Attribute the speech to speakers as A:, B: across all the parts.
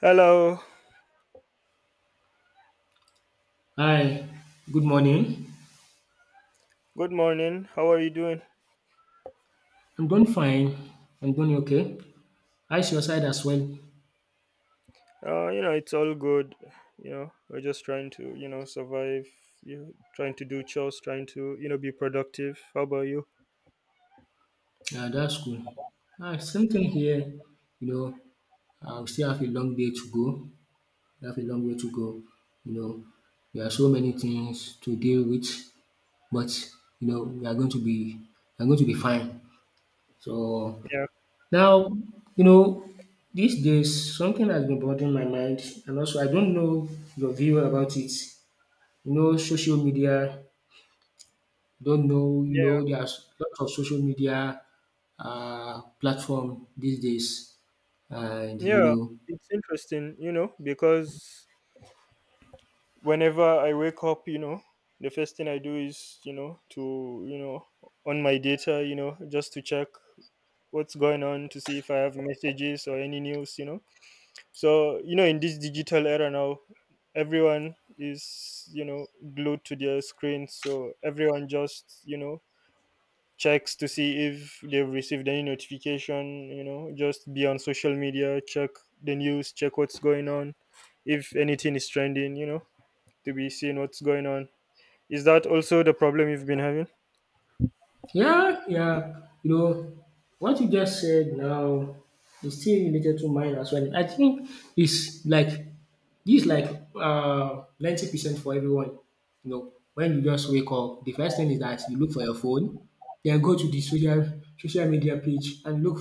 A: Hello.
B: Hi, good morning.
A: Good morning. How are you doing?
B: I'm doing fine. I'm doing okay. How's your side as well?
A: It's all good. We're just trying to survive. Trying to do chores, trying to be productive. How about you?
B: Yeah, that's cool. Ah, same thing here. You know, I will still have a long day to go. We have a long way to go. You know, there are so many things to deal with, but you know, we are going to be, we are going to be fine. So
A: Yeah,
B: now, you know, these days something has been bothering my mind, and also I don't know your view about it. You know, social media. Don't know, you know,
A: yeah,
B: there's lots of social media platform these days, and you
A: yeah.
B: know,
A: It's interesting because whenever I wake up the first thing I do is to on my data just to check what's going on, to see if I have messages or any news. So in this digital era now, everyone is glued to their screens. So everyone just checks to see if they've received any notification just be on social media, check the news, check what's going on, if anything is trending, to be seeing what's going on. Is that also the problem you've been having?
B: yeah, you know, what you just said now is still related to mine as well. I think it's like this, like 90% for everyone. You know, when you just wake up, the first thing is that you look for your phone, then go to the social media page and look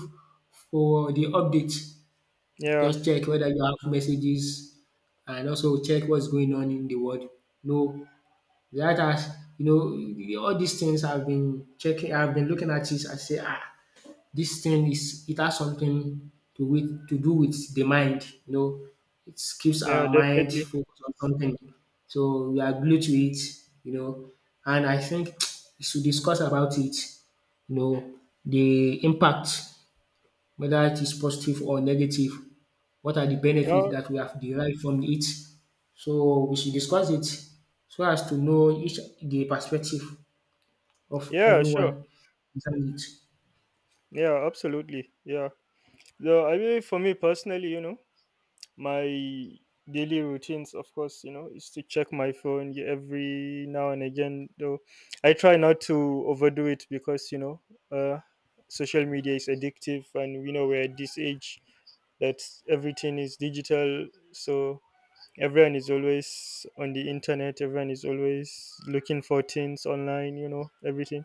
B: for the updates.
A: Yeah,
B: Just check whether you have messages and also check what's going on in the world. No, that has, you know, all these things I've been checking. I've been looking at this. I say, ah, this thing is, it has something to do with the mind. You know, it keeps
A: yeah,
B: our mind
A: definitely.
B: focused on something. So we are glued to it. You know, and I think we should discuss about it. You know, the impact, whether it is positive or negative, what are the benefits
A: Yeah,
B: that we have derived from it. So we should discuss it so as to know each the perspective of
A: yeah, sure.
B: everyone concerning it.
A: Yeah, absolutely. Yeah. So I mean, for me personally my daily routines, of course is to check my phone every now and again. Though I try not to overdo it because uh, social media is addictive, and we know we're at this age that everything is digital, so everyone is always on the internet, everyone is always looking for things online, everything.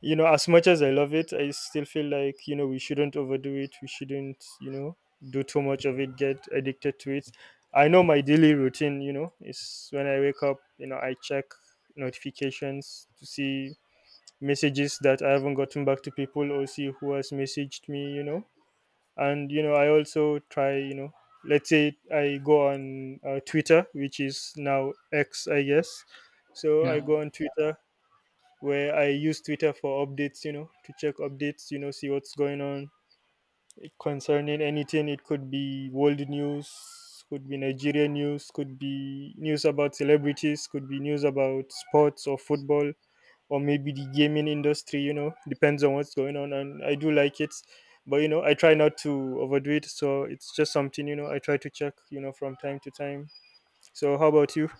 A: As much as I love it, I still feel like we shouldn't overdo it, we shouldn't do too much of it, get addicted to it. I know my daily routine is when I wake up, I check notifications to see messages that I haven't gotten back to people, or see who has messaged me. And I also try, let's say I go on Twitter, which is now X I guess. so i
B: Yeah.
A: go on twitter where I use Twitter for updates, to check updates, see what's going on concerning anything. It could be world news, could be Nigerian news, could be news about celebrities, could be news about sports or football, or maybe the gaming industry. You know, depends on what's going on. And I do like it, but you know, I try not to overdo it. So it's just something you know I try to check. You know, from time to time. So how about you?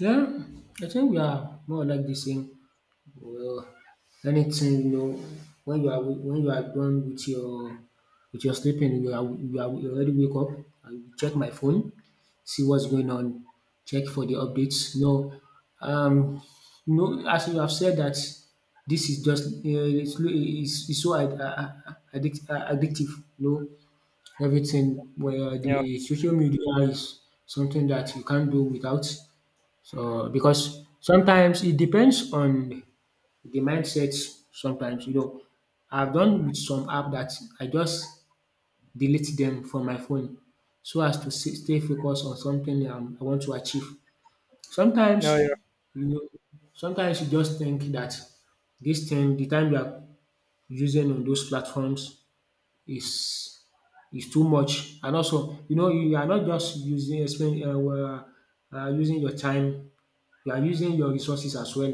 B: Yeah, I think we are more or like the same. Well, anything, you know, when you are done with your sleeping, you already wake up, I will check my phone, see what's going on, check for the updates. No, um, no, as you have said that this is just it's so addictive. No, everything where
A: Yeah.
B: the social media is something that you can't do without. So because sometimes it depends on the mindsets sometimes, you know, I've done with some app that I just delete them from my phone so as to stay focused on something I want to achieve. Sometimes,
A: No. Yeah.
B: you know, sometimes you just think that this thing, the time you are using on those platforms is is too much, and also, you know, you are not just using using your time, you are using your resources as well,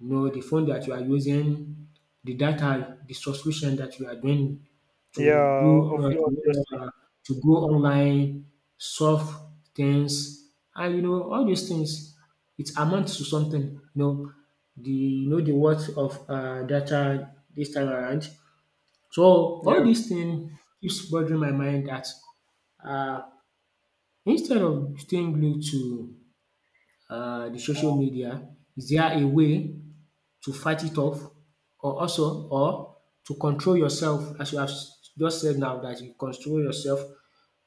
B: you know, the phone that you are using, the data, the subscription that you are doing to
A: Yeah.
B: do
A: Obviously.
B: to go online, solve things, and you know all these things. It amounts to something. You know, the, you know, the worth of data this time around. So all
A: Yeah.
B: these things keeps bothering my mind that uh, instead of staying glued to the social media, is there a way to fight it off or also or to control yourself as you have just said now that you control yourself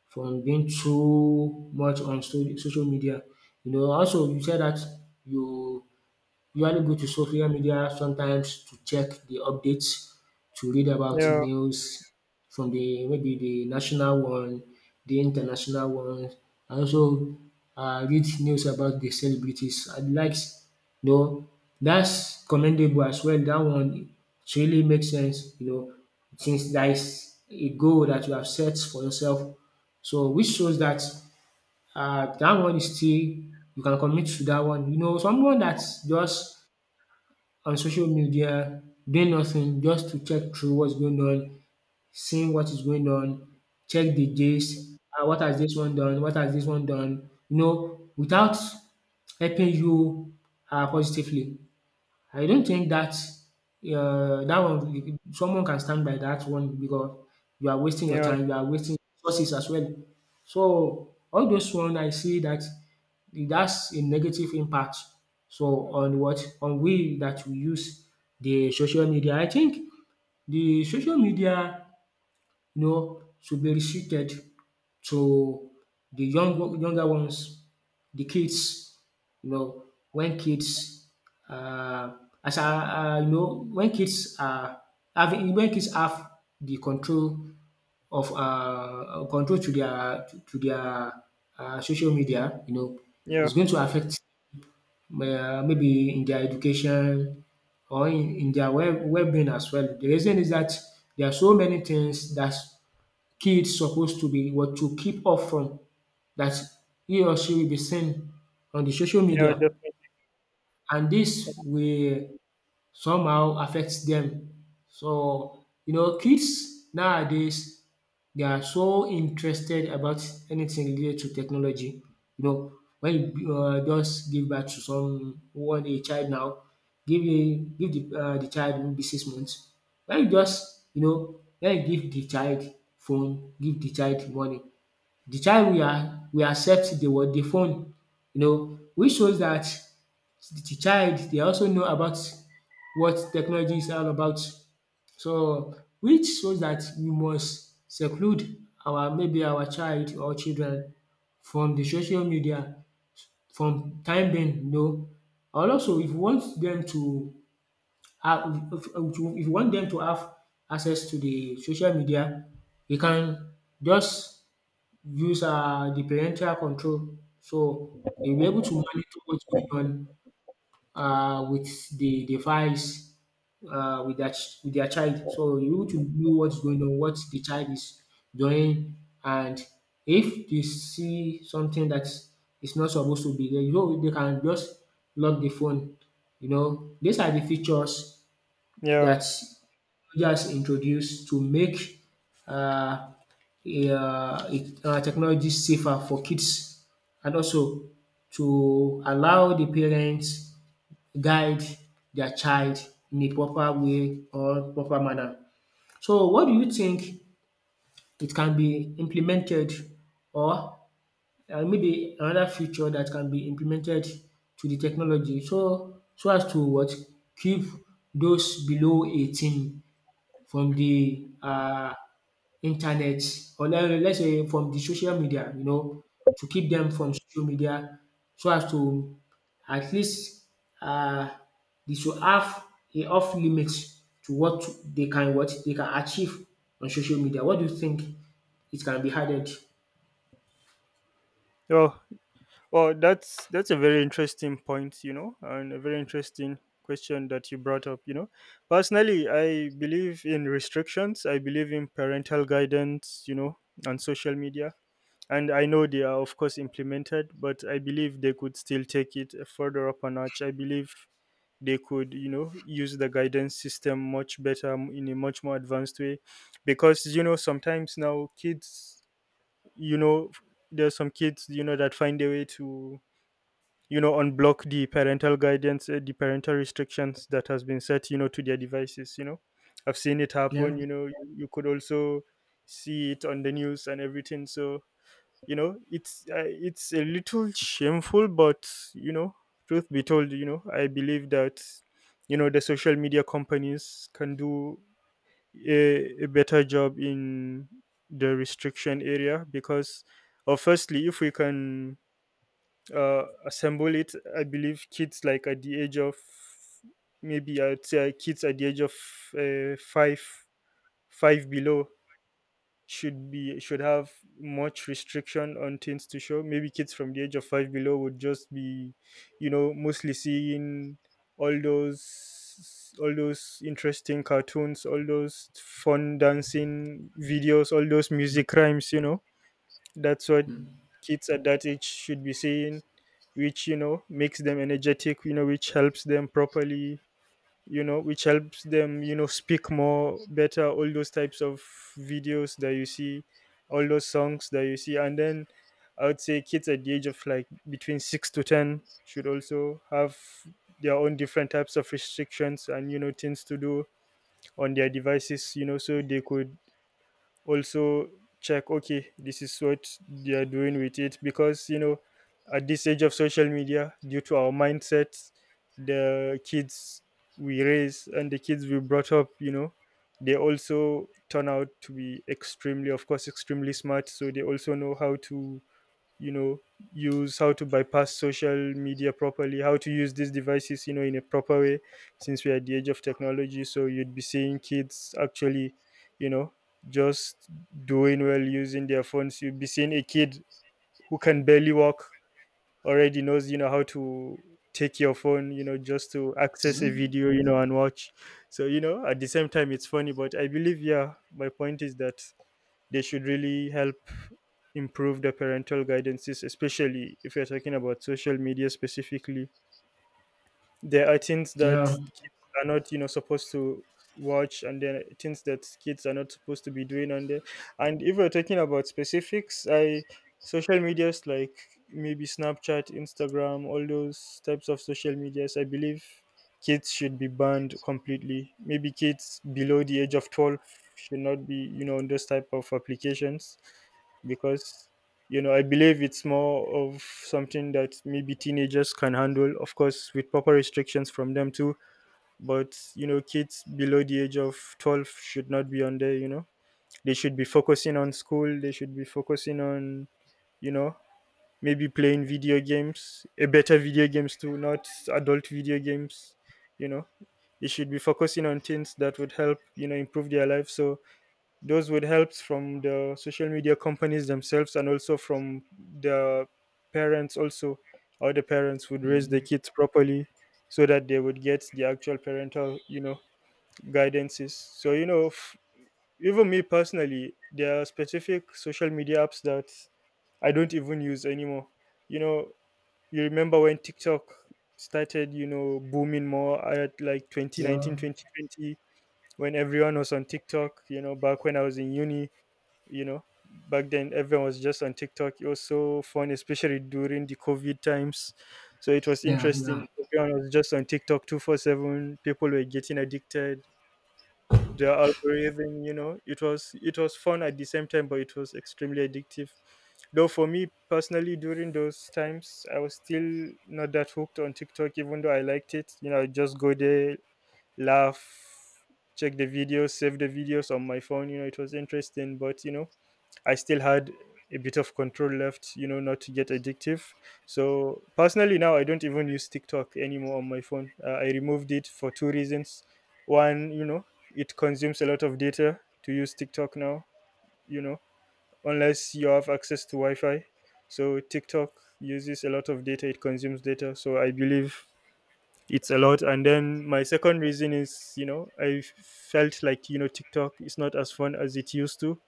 B: from being too much on social media. You know, also you said that you usually go to social media sometimes to check the updates, to read about
A: Yeah.
B: news from the maybe the national one, the international one, and also read news about the celebrities I likes. You know, that's commendable as well. That one, it really makes sense, you know, since that's a goal that you have set for yourself. So which shows that dat one is still, you can commit to that one. You know, someone dat just on social media, doing nothing, just to check through what's going on, seeing what is going on, check the gist, what has this one done, what has this one done, you know, without helping you positively. I don't think that that one you- someone can stand by that one because you are wasting your
A: Yeah.
B: time, you are wasting resources as well. So all those one I see that that's a negative impact. So on what on we that we use the social media. I think the social media, you know, should be restricted to the younger ones, the kids, you know, when kids uh, as I you know, when kids have the control of control to their to their social media, you know,
A: Yeah.
B: it's going to affect maybe in their education or in their well being as well. The reason is that there are so many things that kids supposed to be, what, to keep off from, that he or she will be seen on the social
A: Yeah.
B: media, and this will somehow affects them. So you know, kids nowadays, they are so interested about anything related to technology. You know, when you just give birth to someone, a child now, give the de child maybe 6 months. When you just, you know, when you give the child phone, give the child money, the child we are we accept the what? The phone. You know, which shows that the child they also know about what technology is all about. So which shows that we must seclude our maybe our child or children from the social media from time being, you know. And also if you want them to have, if you want them to have access to the social media, you can just use the parental control. So they'll be able to monitor what's going on with the device, uh, with that with their child. So you're able to know what's going on, what the child is doing, and if they see something that is not supposed to be there, you know, they can just lock the phone. You know, these are the features
A: Yeah.
B: that just introduced to make uh, technology safer for kids and also to allow the parents guide their child in a proper way or proper manner. So what do you think, it can be implemented or maybe another feature that can be implemented to the technology so as to what, keep those below 18 from the internet or le let's say from the social media, you know, to keep them from social media so as to at least um they should have a off limit to what they can, what they can achieve on social media. What do you think, it can be added?
A: Oh, well, that's a very interesting point, you know, and a very interesting question that you brought up, you know. Personally, I believe in restrictions. I believe in parental guidance, you know, on social media. And I know they are, of course, implemented, but I believe they could still take it further up a notch. I believe they could, you know, use the guidance system much better in a much more advanced way, because you know, sometimes now kids, you know, there's some kids, you know, that find a way to you know unblock the parental guidance, the parental restrictions that has been set, you know, to their devices, you know. I've seen it happen,
B: Yeah,
A: you know, you, could also see it on the news and everything. So you know it's a little shameful, but you know, truth be told, you know I believe that you know the social media companies can do a better job in the restriction area, because or firstly if we can assemble it. I believe kids like at the age of, maybe I'd say kids at the age of five, five below should be should have much restriction on things to show. Maybe kids from the age of five below would just be, you know, mostly seeing all those all those interesting cartoons, all those fun dancing videos, all those music rhymes. You know, that's what kids at that age should be seeing, which you know makes them energetic, you know, which helps them properly, you know, which helps them you know speak more better, all those types of videos that you see, all those songs that you see. And then I would say kids at the age of like between 6 to 10 should also have their own different types of restrictions and you know things to do on their devices, you know, so they could also check, okay, this is what they are doing with it, because you know at this age of social media, due to our mindset, the kids we raise and the kids we brought up, you know, they also turn out to be extremely, of course, extremely smart, so they also know how to you know use, how to bypass social media properly, how to use these devices, you know, in a proper way, since we are at the age of technology. So you'd be seeing kids actually, you know, just doing well using their phones, you'd be seeing a kid who can barely walk already knows, you know, how to take your phone, you know, just to access a video, you know, and watch. So you know at the same time it's funny, but I believe, yeah, my point is that they should really help improve the parental guidances, especially if you're talking about social media specifically. There are things that
B: yeah,
A: kids are not, you know, supposed to watch, and there are things that kids are not supposed to be doing on there. And if we are talking about specifics, I social medias like maybe Snapchat, Instagram, all those types of social medias, I believe kids should be banned completely. Maybe kids below the age of 12 should not be, you know, on those type of applications, because you know I believe it's more of something that maybe teenagers can handle, of course, with proper restrictions from them too. But you know, kids below the age of 12 should not be on there. You know, they should be focusing on school. They should be focusing on, you know, maybe playing video games, a better video games too, not adult video games. You know, they should be focusing on things that would help you know improve their life. So those would help from the social media companies themselves, and also from the parents also, how the parents would
B: yeah,
A: raise the kids properly, so that they would get the actual parental, you know, guidances. So you know even me personally, there are specific social media apps that I don't even use anymore. You know, you remember when TikTok started, you know, booming more at like 2019,
B: yeah,
A: 2020, when everyone was on TikTok, you know, back when I was in uni. You know, back then everyone was just on TikTok, it was so fun, especially during the COVID times. So it was
B: yeah,
A: interesting, everyone was just on TikTok 24/7, people were getting addicted, the algorithm, you know, it was fun at the same time, but it was extremely addictive. Though for me personally, during those times, I was still not that hooked on TikTok, even though I liked it, you know, I just go there, laugh, check the videos, save the videos on my phone, you know, it was interesting, but you know, I still had a bit of control left, you know, not to get addictive. So personally, now I don't even use TikTok anymore on my phone. I removed it for two reasons. One, you know, it consumes a lot of data to use TikTok now, you know, unless you have access to Wi Fi. So TikTok uses a lot of data, it consumes data. So I believe it's a lot. And then my second reason is, you know, I felt like, you know, TikTok is not as fun as it used to.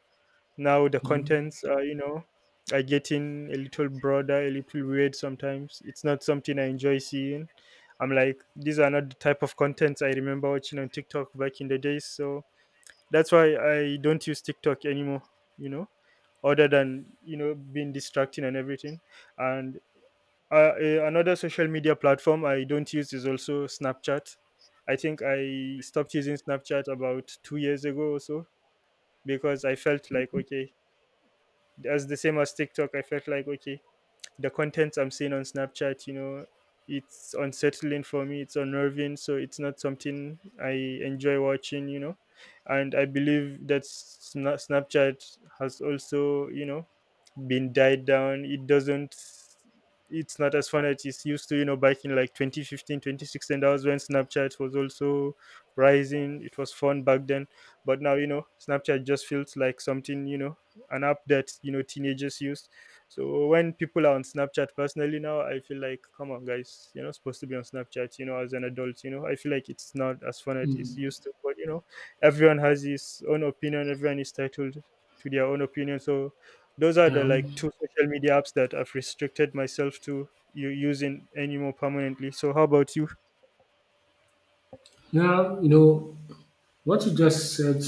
A: Now the
B: yeah,
A: contents are, you know, are getting a little broader, a little weird, sometimes it's not something I enjoy seeing. I'm like, these are not the type of contents I remember watching on TikTok back in the days. So that's why I don't use TikTok anymore, you know, other than, you know, being distracting and everything. And another social media platform I don't use is also Snapchat. I think I stopped using Snapchat about 2 years ago or so, because I felt like, okay, as the same as TikTok, I felt like, okay, the contents I'm seeing on Snapchat, you know, it's unsettling for me, it's unnerving, so it's not something I enjoy watching, you know. And I believe that Snapchat has also, you know, been died down. It doesn't it's not as fun as it's used to, you know, back in like 2015, 2016. That was when Snapchat was also rising. It was fun back then. But now, you know, Snapchat just feels like something, you know, an app that, you know, teenagers use. So when people are on Snapchat personally now, I feel like, come on, guys, you're not supposed to be on Snapchat, as an adult, I feel like it's not as fun as it's
B: mm,
A: used to, but everyone has his own opinion, everyone is titled to their own opinion. So those are the
B: yeah.
A: like two social media apps that I've restricted myself to you using anymore permanently. So how about you?
B: Yeah, you know, what you just said,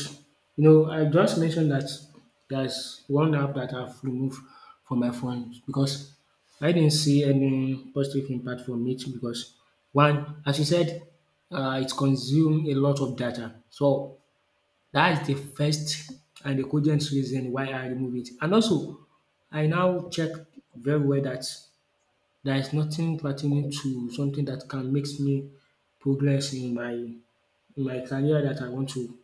B: you know, I just mentioned that there's one app that I've removed from my phone because I didn't see any positive impact from it because one, as you said, it consumes a lot of data. So that's the first and the cogent reason why I remove it. And also, I now check very well that there is nothing pertaining to something that can makes me progress in my career that I want to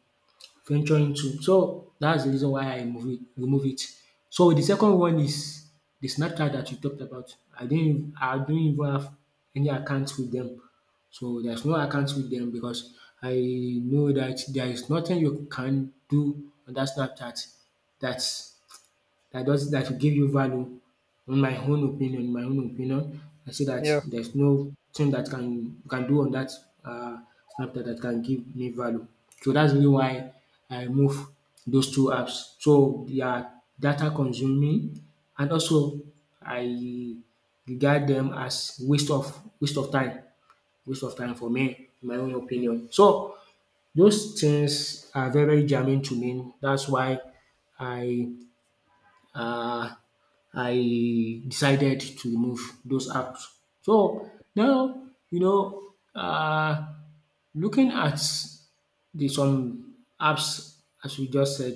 B: venturing to. So that's the reason why I remove it. So the second one is the Snapchat that you talked about. I don't even have any accounts with them. So there's no accounts with them because I know that there is nothing you can do on that Snapchat that's that does that will give you value. On my own opinion, I see that
A: Yeah,
B: there's no thing that can do on that uh, Snapchat that can give me value. So that's really why I remove those two apps. So they are data consuming and also I regard them as waste of time, waste of time for me, in my own opinion. So those things are very, very germane to me. That's why I uh, I decided to remove those apps. So now, you know, uh, looking at the some apps as we just said,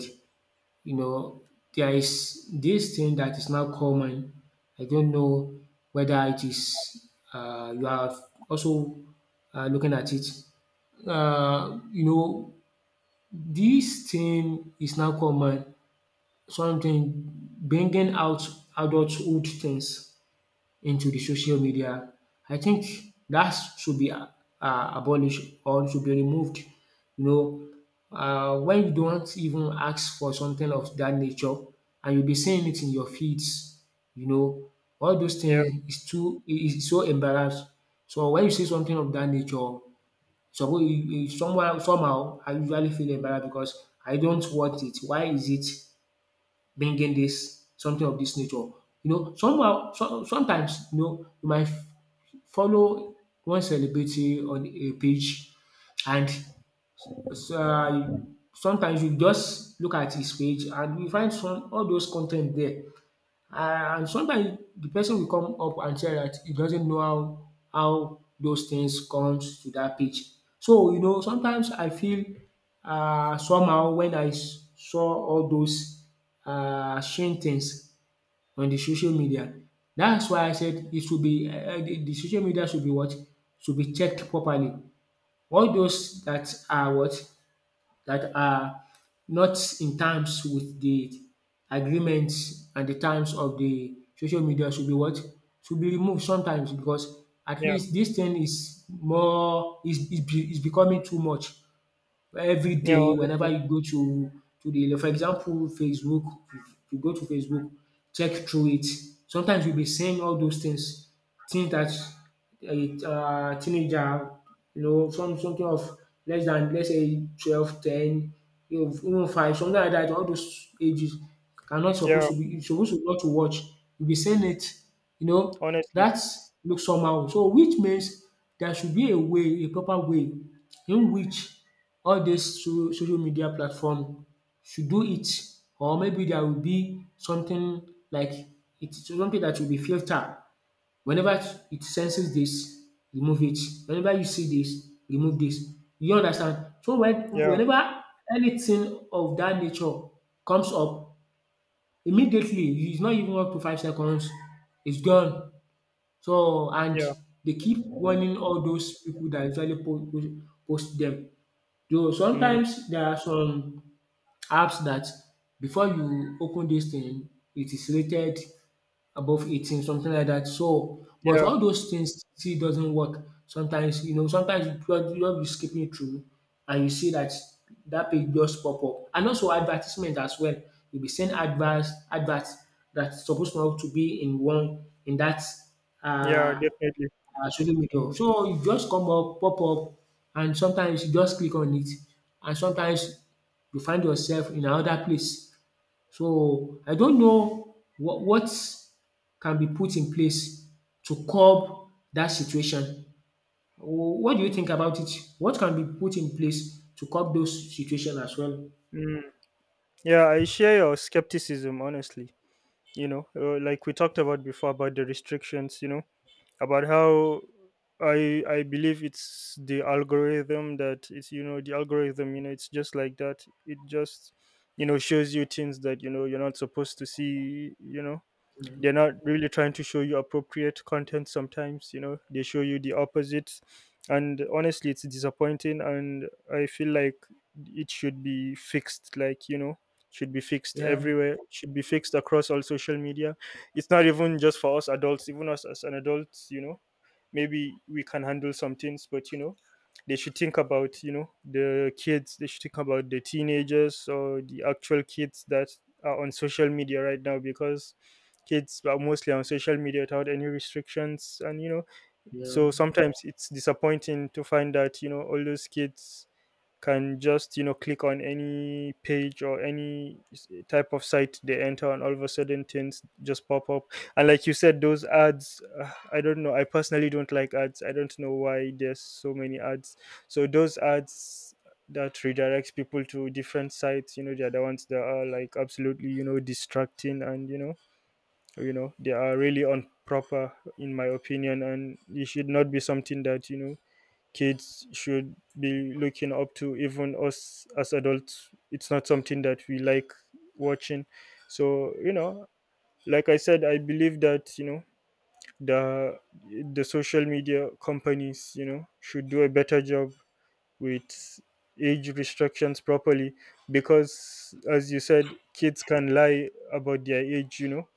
B: you know, there is this thing that is now common. I don't know whether it is you are also looking at it. You know, this thing is now common, something bringing out adulthood things into the social media. I think that should be abolished or should be removed. You know, when you don't even ask for something of that nature and you'll be seeing it in your feeds, you know, all those
A: yeah,
B: things is too, it is so embarrassed. So when you see something of that nature, suppose you, you somehow I usually feel embarrassed because I don't want it. Why is it bringing this something of this nature. You know, somehow sometimes you know you might follow one celebrity on a page and sometimes you just look at his page and you find some all those content there. Ah, and sometimes the person will come up and say that he doesn't know how those things comes to that pitch. So you know sometimes I feel somehow when I saw all those shame things on the social media. That's why I said it should be the social media should be what? Should be checked properly. All those that are what? That are not in terms with the agreements and the terms of the social media should be what? Should be removed sometimes because at
A: yeah,
B: least this thing is more is be is becoming too much. Where every
A: yeah,
B: day whenever
A: honestly.
B: you go to the, like, for example, facebook, if you go to facebook, check through it, sometimes you'll be seeing all those things, things that a teenager, you know, some something of less than, let's say, 12, 10, you know, even 5, something like that, all those ages are not
A: Yeah,
B: supposed to be, you're supposed to not to watch, you'll be seeing it, you know,
A: honestly.
B: that looks somehow so, which means there should be a way, a proper way, in which all dis so social media platform should do it, or maybe there will be something like it, something that will be filter. Whenever it senses this, remove it. Whenever you see this, remove this. You understand? So when
A: Yeah,
B: whenever anything of that nature comes up, immediately, it's not even up to 5 seconds, it's gone. So and
A: yeah.
B: they keep warning all those pipu dat usually post them. Though
A: Mm,
B: sometimes there are some apps that before you open this thing, it is rated above 18, something like that. So, but
A: yeah,
B: all those things still doesn't work. Sometimes, you know, sometimes you just be skipping through and you see that that page just pop up. And also advertisement as well. You'll be seeing adverts that's supposed not to be in one in that
A: yeah,
B: uh
A: definitely.
B: ah, social media. So you just come up, pop up, and sometimes you just click on it, and sometimes you find yourself in another place. So I don't know what can be put in place to curb that situation. What do you think about it? What can be put in place to curb those situation as well?
A: Mm. Yeah, I share your skepticism, honestly. Like we talked about before about the restrictions, about how I believe it's the algorithm that it's the algorithm, it's just like that. It just shows you things that you're not supposed to see, they're not really trying to show you appropriate content. Sometimes they show you the opposite, and honestly it's disappointing. And I feel like it should be fixed. Like, should be fixed
B: Yeah,
A: everywhere, should be fixed across all social media. It's not even just for us adults. Even us as an adult, maybe we can handle some things, but they should think about, the kids. They should think about the teenagers or the actual kids that are on social media right now, because kids are mostly on social media without any restrictions, and
B: yeah,
A: so sometimes it's disappointing to find that all those kids can just click on any page or any type of site they enter, and all of a sudden things just pop up. And like you said, those ads, I don't know, I personally don't like ads. I don't know why there's so many ads. So those ads that redirects people to different sites, they're the ones that are like absolutely, distracting, and you know they are really improper in my opinion, and it should not be something that kids should be looking up to. Even us as adults, it's not something that we like watching. So like I said, I believe that the the social media companies should do a better job with age restrictions properly, because as you said, kids can lie about their age,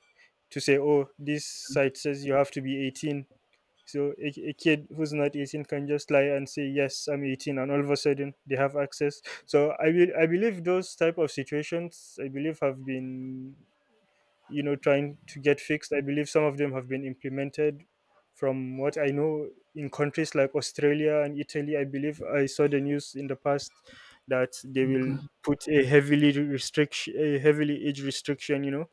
A: to say, oh, this site says you have to be 18. So a kid who's not 18 can just lie and say, yes, I'm 18, and all of a sudden they have access. So I be, I believe those type of situations, I believe, have been trying to get fixed. I believe some of them have been implemented. From what I know, in countries like Australia and Italy, I believe I saw the news in the past that they will
B: okay.
A: put a heavily restriction, a heavily age restriction,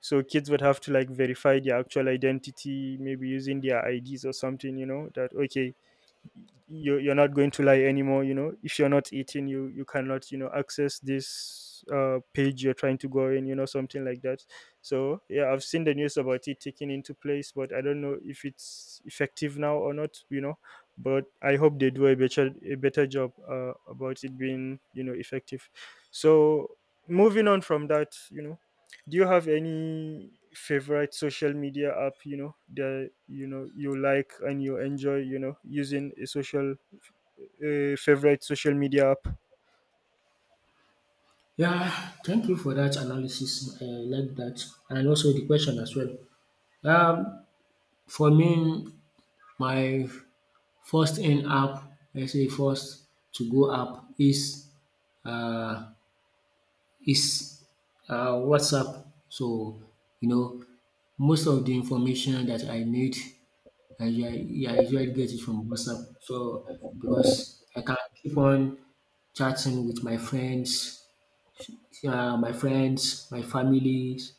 A: so kids would have to like verify their actual identity, maybe using their ids or something, that okay, you you're not going to lie anymore, if you're not eating, you cannot access this page you're trying to go in, something like that. So yeah, I've seen the news about it taking into place, but I don't know if it's effective now or not, but I hope they do a better job, about it being effective. So moving on from that, do you have any favorite social media app, that you like and you enjoy, using a social favorite social media app?
B: Yeah, thank you for that analysis. I like that, and also the question as well. Um, for me, my first earn app, let's say first to go app um is WhatsApp. So you know most of the information that I need I usually, yeah, I usually get it from WhatsApp. So because I can keep on chatting with my friends, my friends, my families,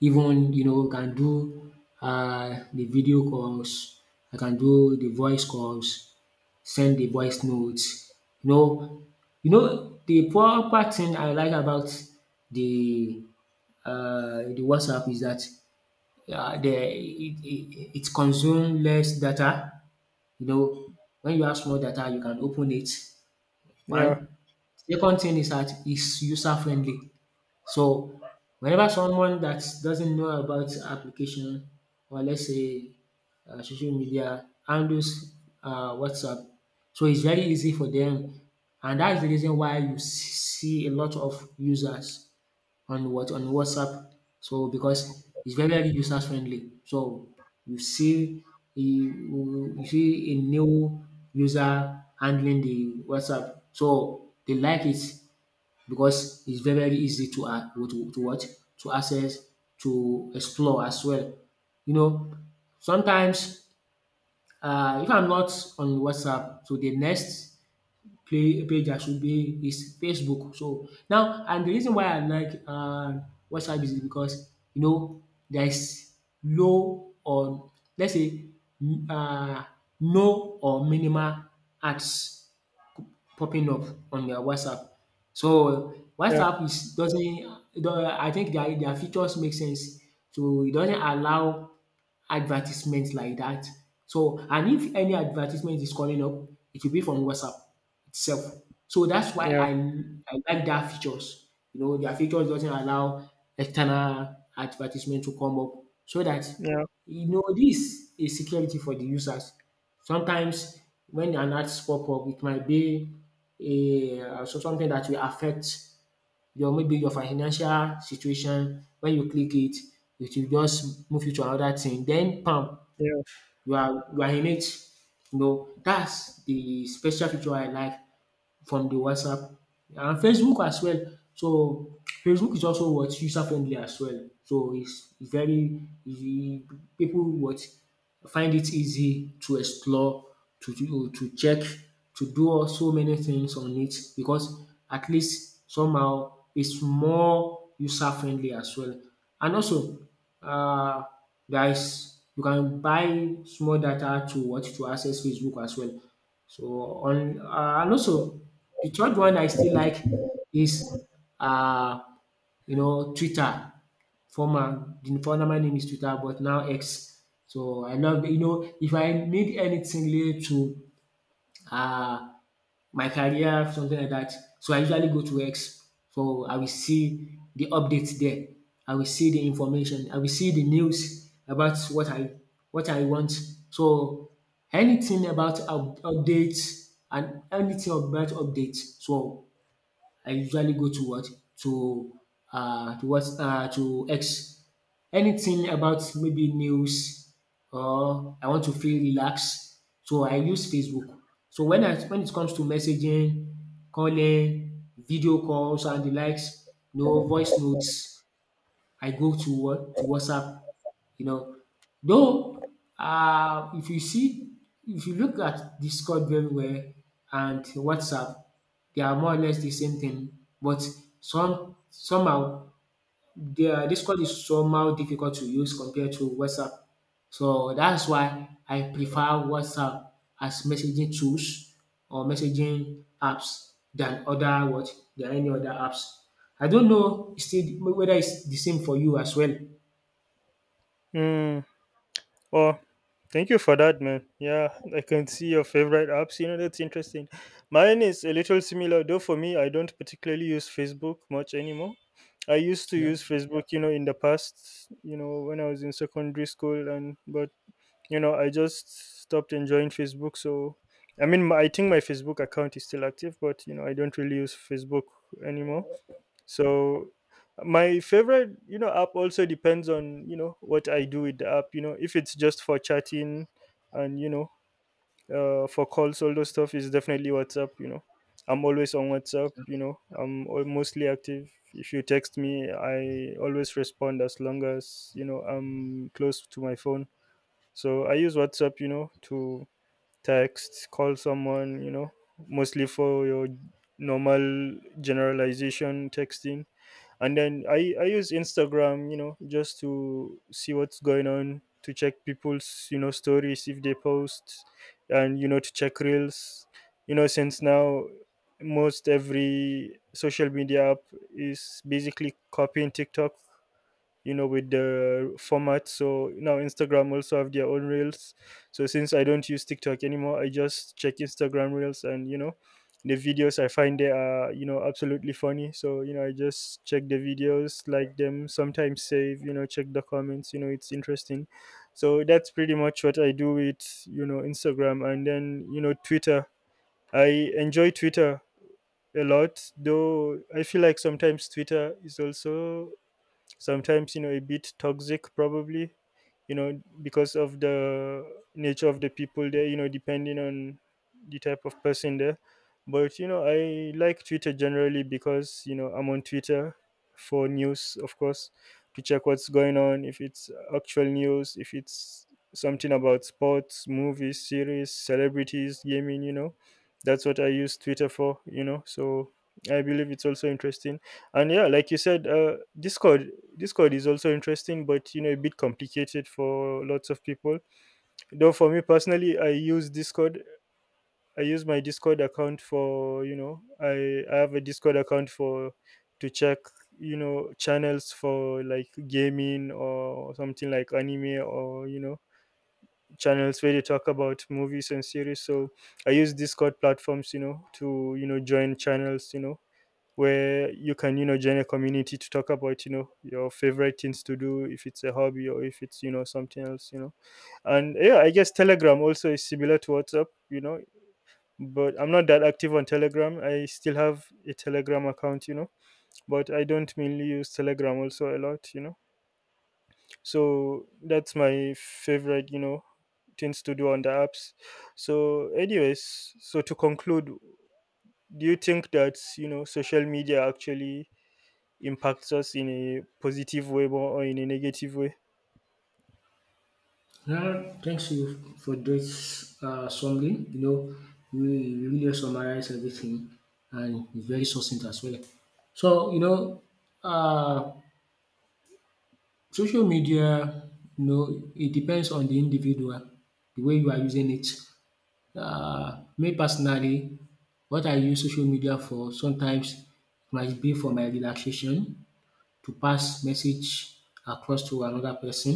B: even you know can do de video calls, I can do the voice calls, send the voice notes. You know, you know the proper thing I like about the the WhatsApp is that the it consumes less data. You know when you have small data you can open it
A: Yeah,
B: one. Second thing is that it's user friendly. So whenever someone that doesn't know about application, or let's say social media handles WhatsApp, so it's very easy for them, and that's the reason why you see a lot of users on what on WhatsApp. So because it's very very user friendly, so you see, you see a new user handling the WhatsApp, so they like it because it's very very easy to to what to access, to explore as well. You know, sometimes if I'm not on WhatsApp, to the next play page I should be is Facebook. So now, and the reason why I like WhatsApp is because, you know, there is low on, let's say, um no or minimal ads popping up on their WhatsApp. So
A: yeah,
B: WhatsApp is doesn't, it don't, I think their features make sense. So it doesn't allow advertisements like that. So and if any advertisement is calling up, it will be from WhatsApp itself. So that's why
A: yeah,
B: I like their features. You know, their features doesn't allow external advertisement to come up, so that
A: yeah,
B: you know this is security for the users. Sometimes when an ads pop up, it might be a so something that will affect your, maybe your financial situation. When you click it, it will just move you to another thing. Then, bam,
A: yeah.
B: you are in it. You know, that's the special feature I like from the WhatsApp and Facebook as well. So Facebook is also what, user friendly as well. So it's very easy pipu what find it easy to explore, to do, to check, to do all so many things on it because at least somehow it's more user friendly as well. And also uh, there is you can buy small data to what to access Facebook as well. So on and also the third one I still like is uh you know Twitter. Former the former name is Twitter, but now X. So I love, you know, if I need anything related to uh my career, something like that. So I usually go to X. So I will see the updates there. I will see the information. I will see the news about what I, what I want. So anything about updates and anything about updates. So I usually go to what? To to what? To X. Anything about maybe news, or I want to feel relaxed, so I use Facebook. So when I, when it comes to messaging, calling, video calls and the likes, no voice notes. I go to what, to WhatsApp, you know. Though if you see, if you look at Discord very well and WhatsApp, they are more or less the same thing, but somehow there, Discord is somehow difficult to use compared to WhatsApp. So that's why I prefer WhatsApp as messaging tools or messaging apps than other what, than any other apps. I don't know still whether it's the same for you as well.
A: Mm. Oh, thank you for that, man. Yeah, I can see your favorite apps. You know, that's interesting. Mine is a little similar, though. For me, I don't particularly use Facebook much anymore. I used to
B: Yeah.
A: use Facebook, in the past, when I was in secondary school, and but I just stopped enjoying Facebook. So I mean my, I think my Facebook account is still active, but I don't really use Facebook anymore. So my favorite app also depends on what I do with the app. You know, if it's just for chatting and for calls, all those stuff is definitely WhatsApp. I'm always on WhatsApp. Mostly active. If you text me I always respond, as long as I'm close to my phone. So I use WhatsApp, to text, call someone, mostly for your normal generalization texting. And then I use Instagram, just to see what's going on, to check people's, stories if they post, and, to check reels. You know, since now most every social media app is basically copying TikTok with the format. So now Instagram also have their own reels. So since I don't use TikTok anymore, I just check Instagram reels, and the videos I find they are absolutely funny. So I just check the videos, like them, sometimes save, check the comments. You know, it's interesting. So that's pretty much what I do with Instagram. And then Twitter, I enjoy Twitter a lot, though I feel like sometimes Twitter is also sometimes a bit toxic probably, because of the nature of the people there, depending on the type of person there. But I like Twitter generally because I'm on Twitter for news, of course, to check what's going on, if it's actual news, if it's something about sports, movies, series, celebrities, gaming, that's what I use Twitter for, so I believe it's also interesting. And yeah, like you said, Discord, Discord is also interesting, but a bit complicated for lots of people. Though for me personally, I use Discord. I use my Discord account for, I have a Discord account for to check channels for like gaming or something, like anime, or channels where they talk about movies and series. So I use Discord platforms, to join channels, where you can join a community to talk about your favorite things to do, if it's a hobby or if it's something else. And yeah, I guess Telegram also is similar to WhatsApp, but I'm not that active on Telegram. I still have a Telegram account, but I don't mainly use Telegram also a lot, so that's my favorite things to do on the apps. So anyways, so to conclude, do you think that social media actually impacts us in a positive way or in a negative way?
B: Well, thanks you for this summary. You know, you really summarize everything and it's very succinct as well. So, you know, uh, social media, you know, it depends on the individual, the way you are using it. Um, me personally, what I use social media for sometimes might be for my relaxation, to pass message across to another person,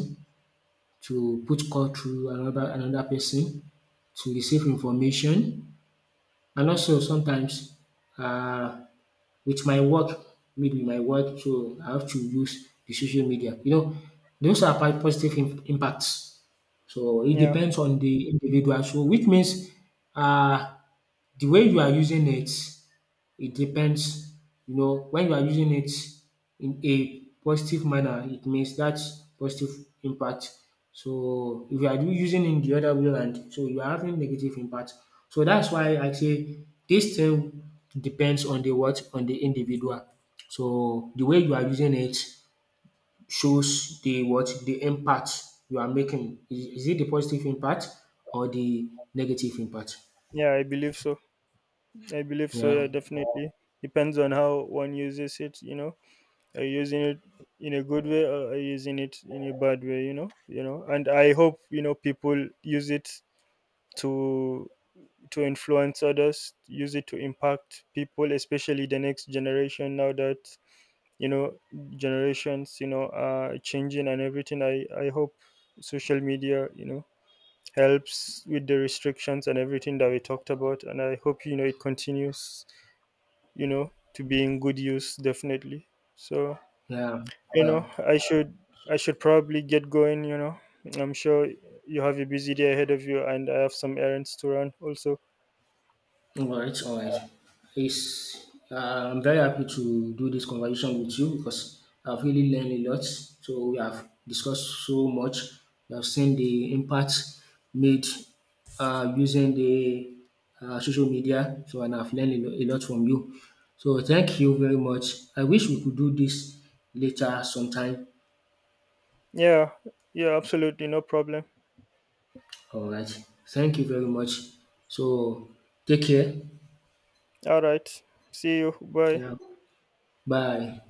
B: to put call through another person, to receive information, and also sometimes um with my work, maybe my work, so I have to use the social media. You know, those are positive impacts. So it
A: Yeah,
B: depends on the individual. So which means uh, the way you are using it, it depends. You know, when you are using it in a positive manner, it means that's positive impact. So if you are using in the other way around, so you are having negative impact. So that's why I say this thing depends on the what, on the individual. So the way you are using it shows the what, the impact you are making. Is it the positive impact or the negative impact?
A: yeah, I believe so. I believe so.
B: Yeah,
A: Yeah, definitely depends on how one uses it. You know, are you using it in a good way, or are you using it in a bad way? And I hope people use it to to influence others, use it to impact people, especially the next generation. Now that you know generations, are changing and everything. I hope social media, helps with the restrictions and everything that we talked about. And I hope, it continues, to be in good use, definitely. So,
B: yeah,
A: you
B: yeah.
A: know, I should, I should probably get going, I'm sure you have a busy day ahead of you, and I have some errands to run also.
B: All right, all right. It's, I'm very happy to do this conversation with you because I've really learned a lot. So we have discussed so much. We have seen the impact made using the social media. So and I've learned a a lot from you. So thank you very much. I wish we could do this later sometime.
A: Yeah, yeah, absolutely. No problem.
B: All right. Thank you very much. So take care.
A: All right. See you. Bye.
B: Yeah. Bye.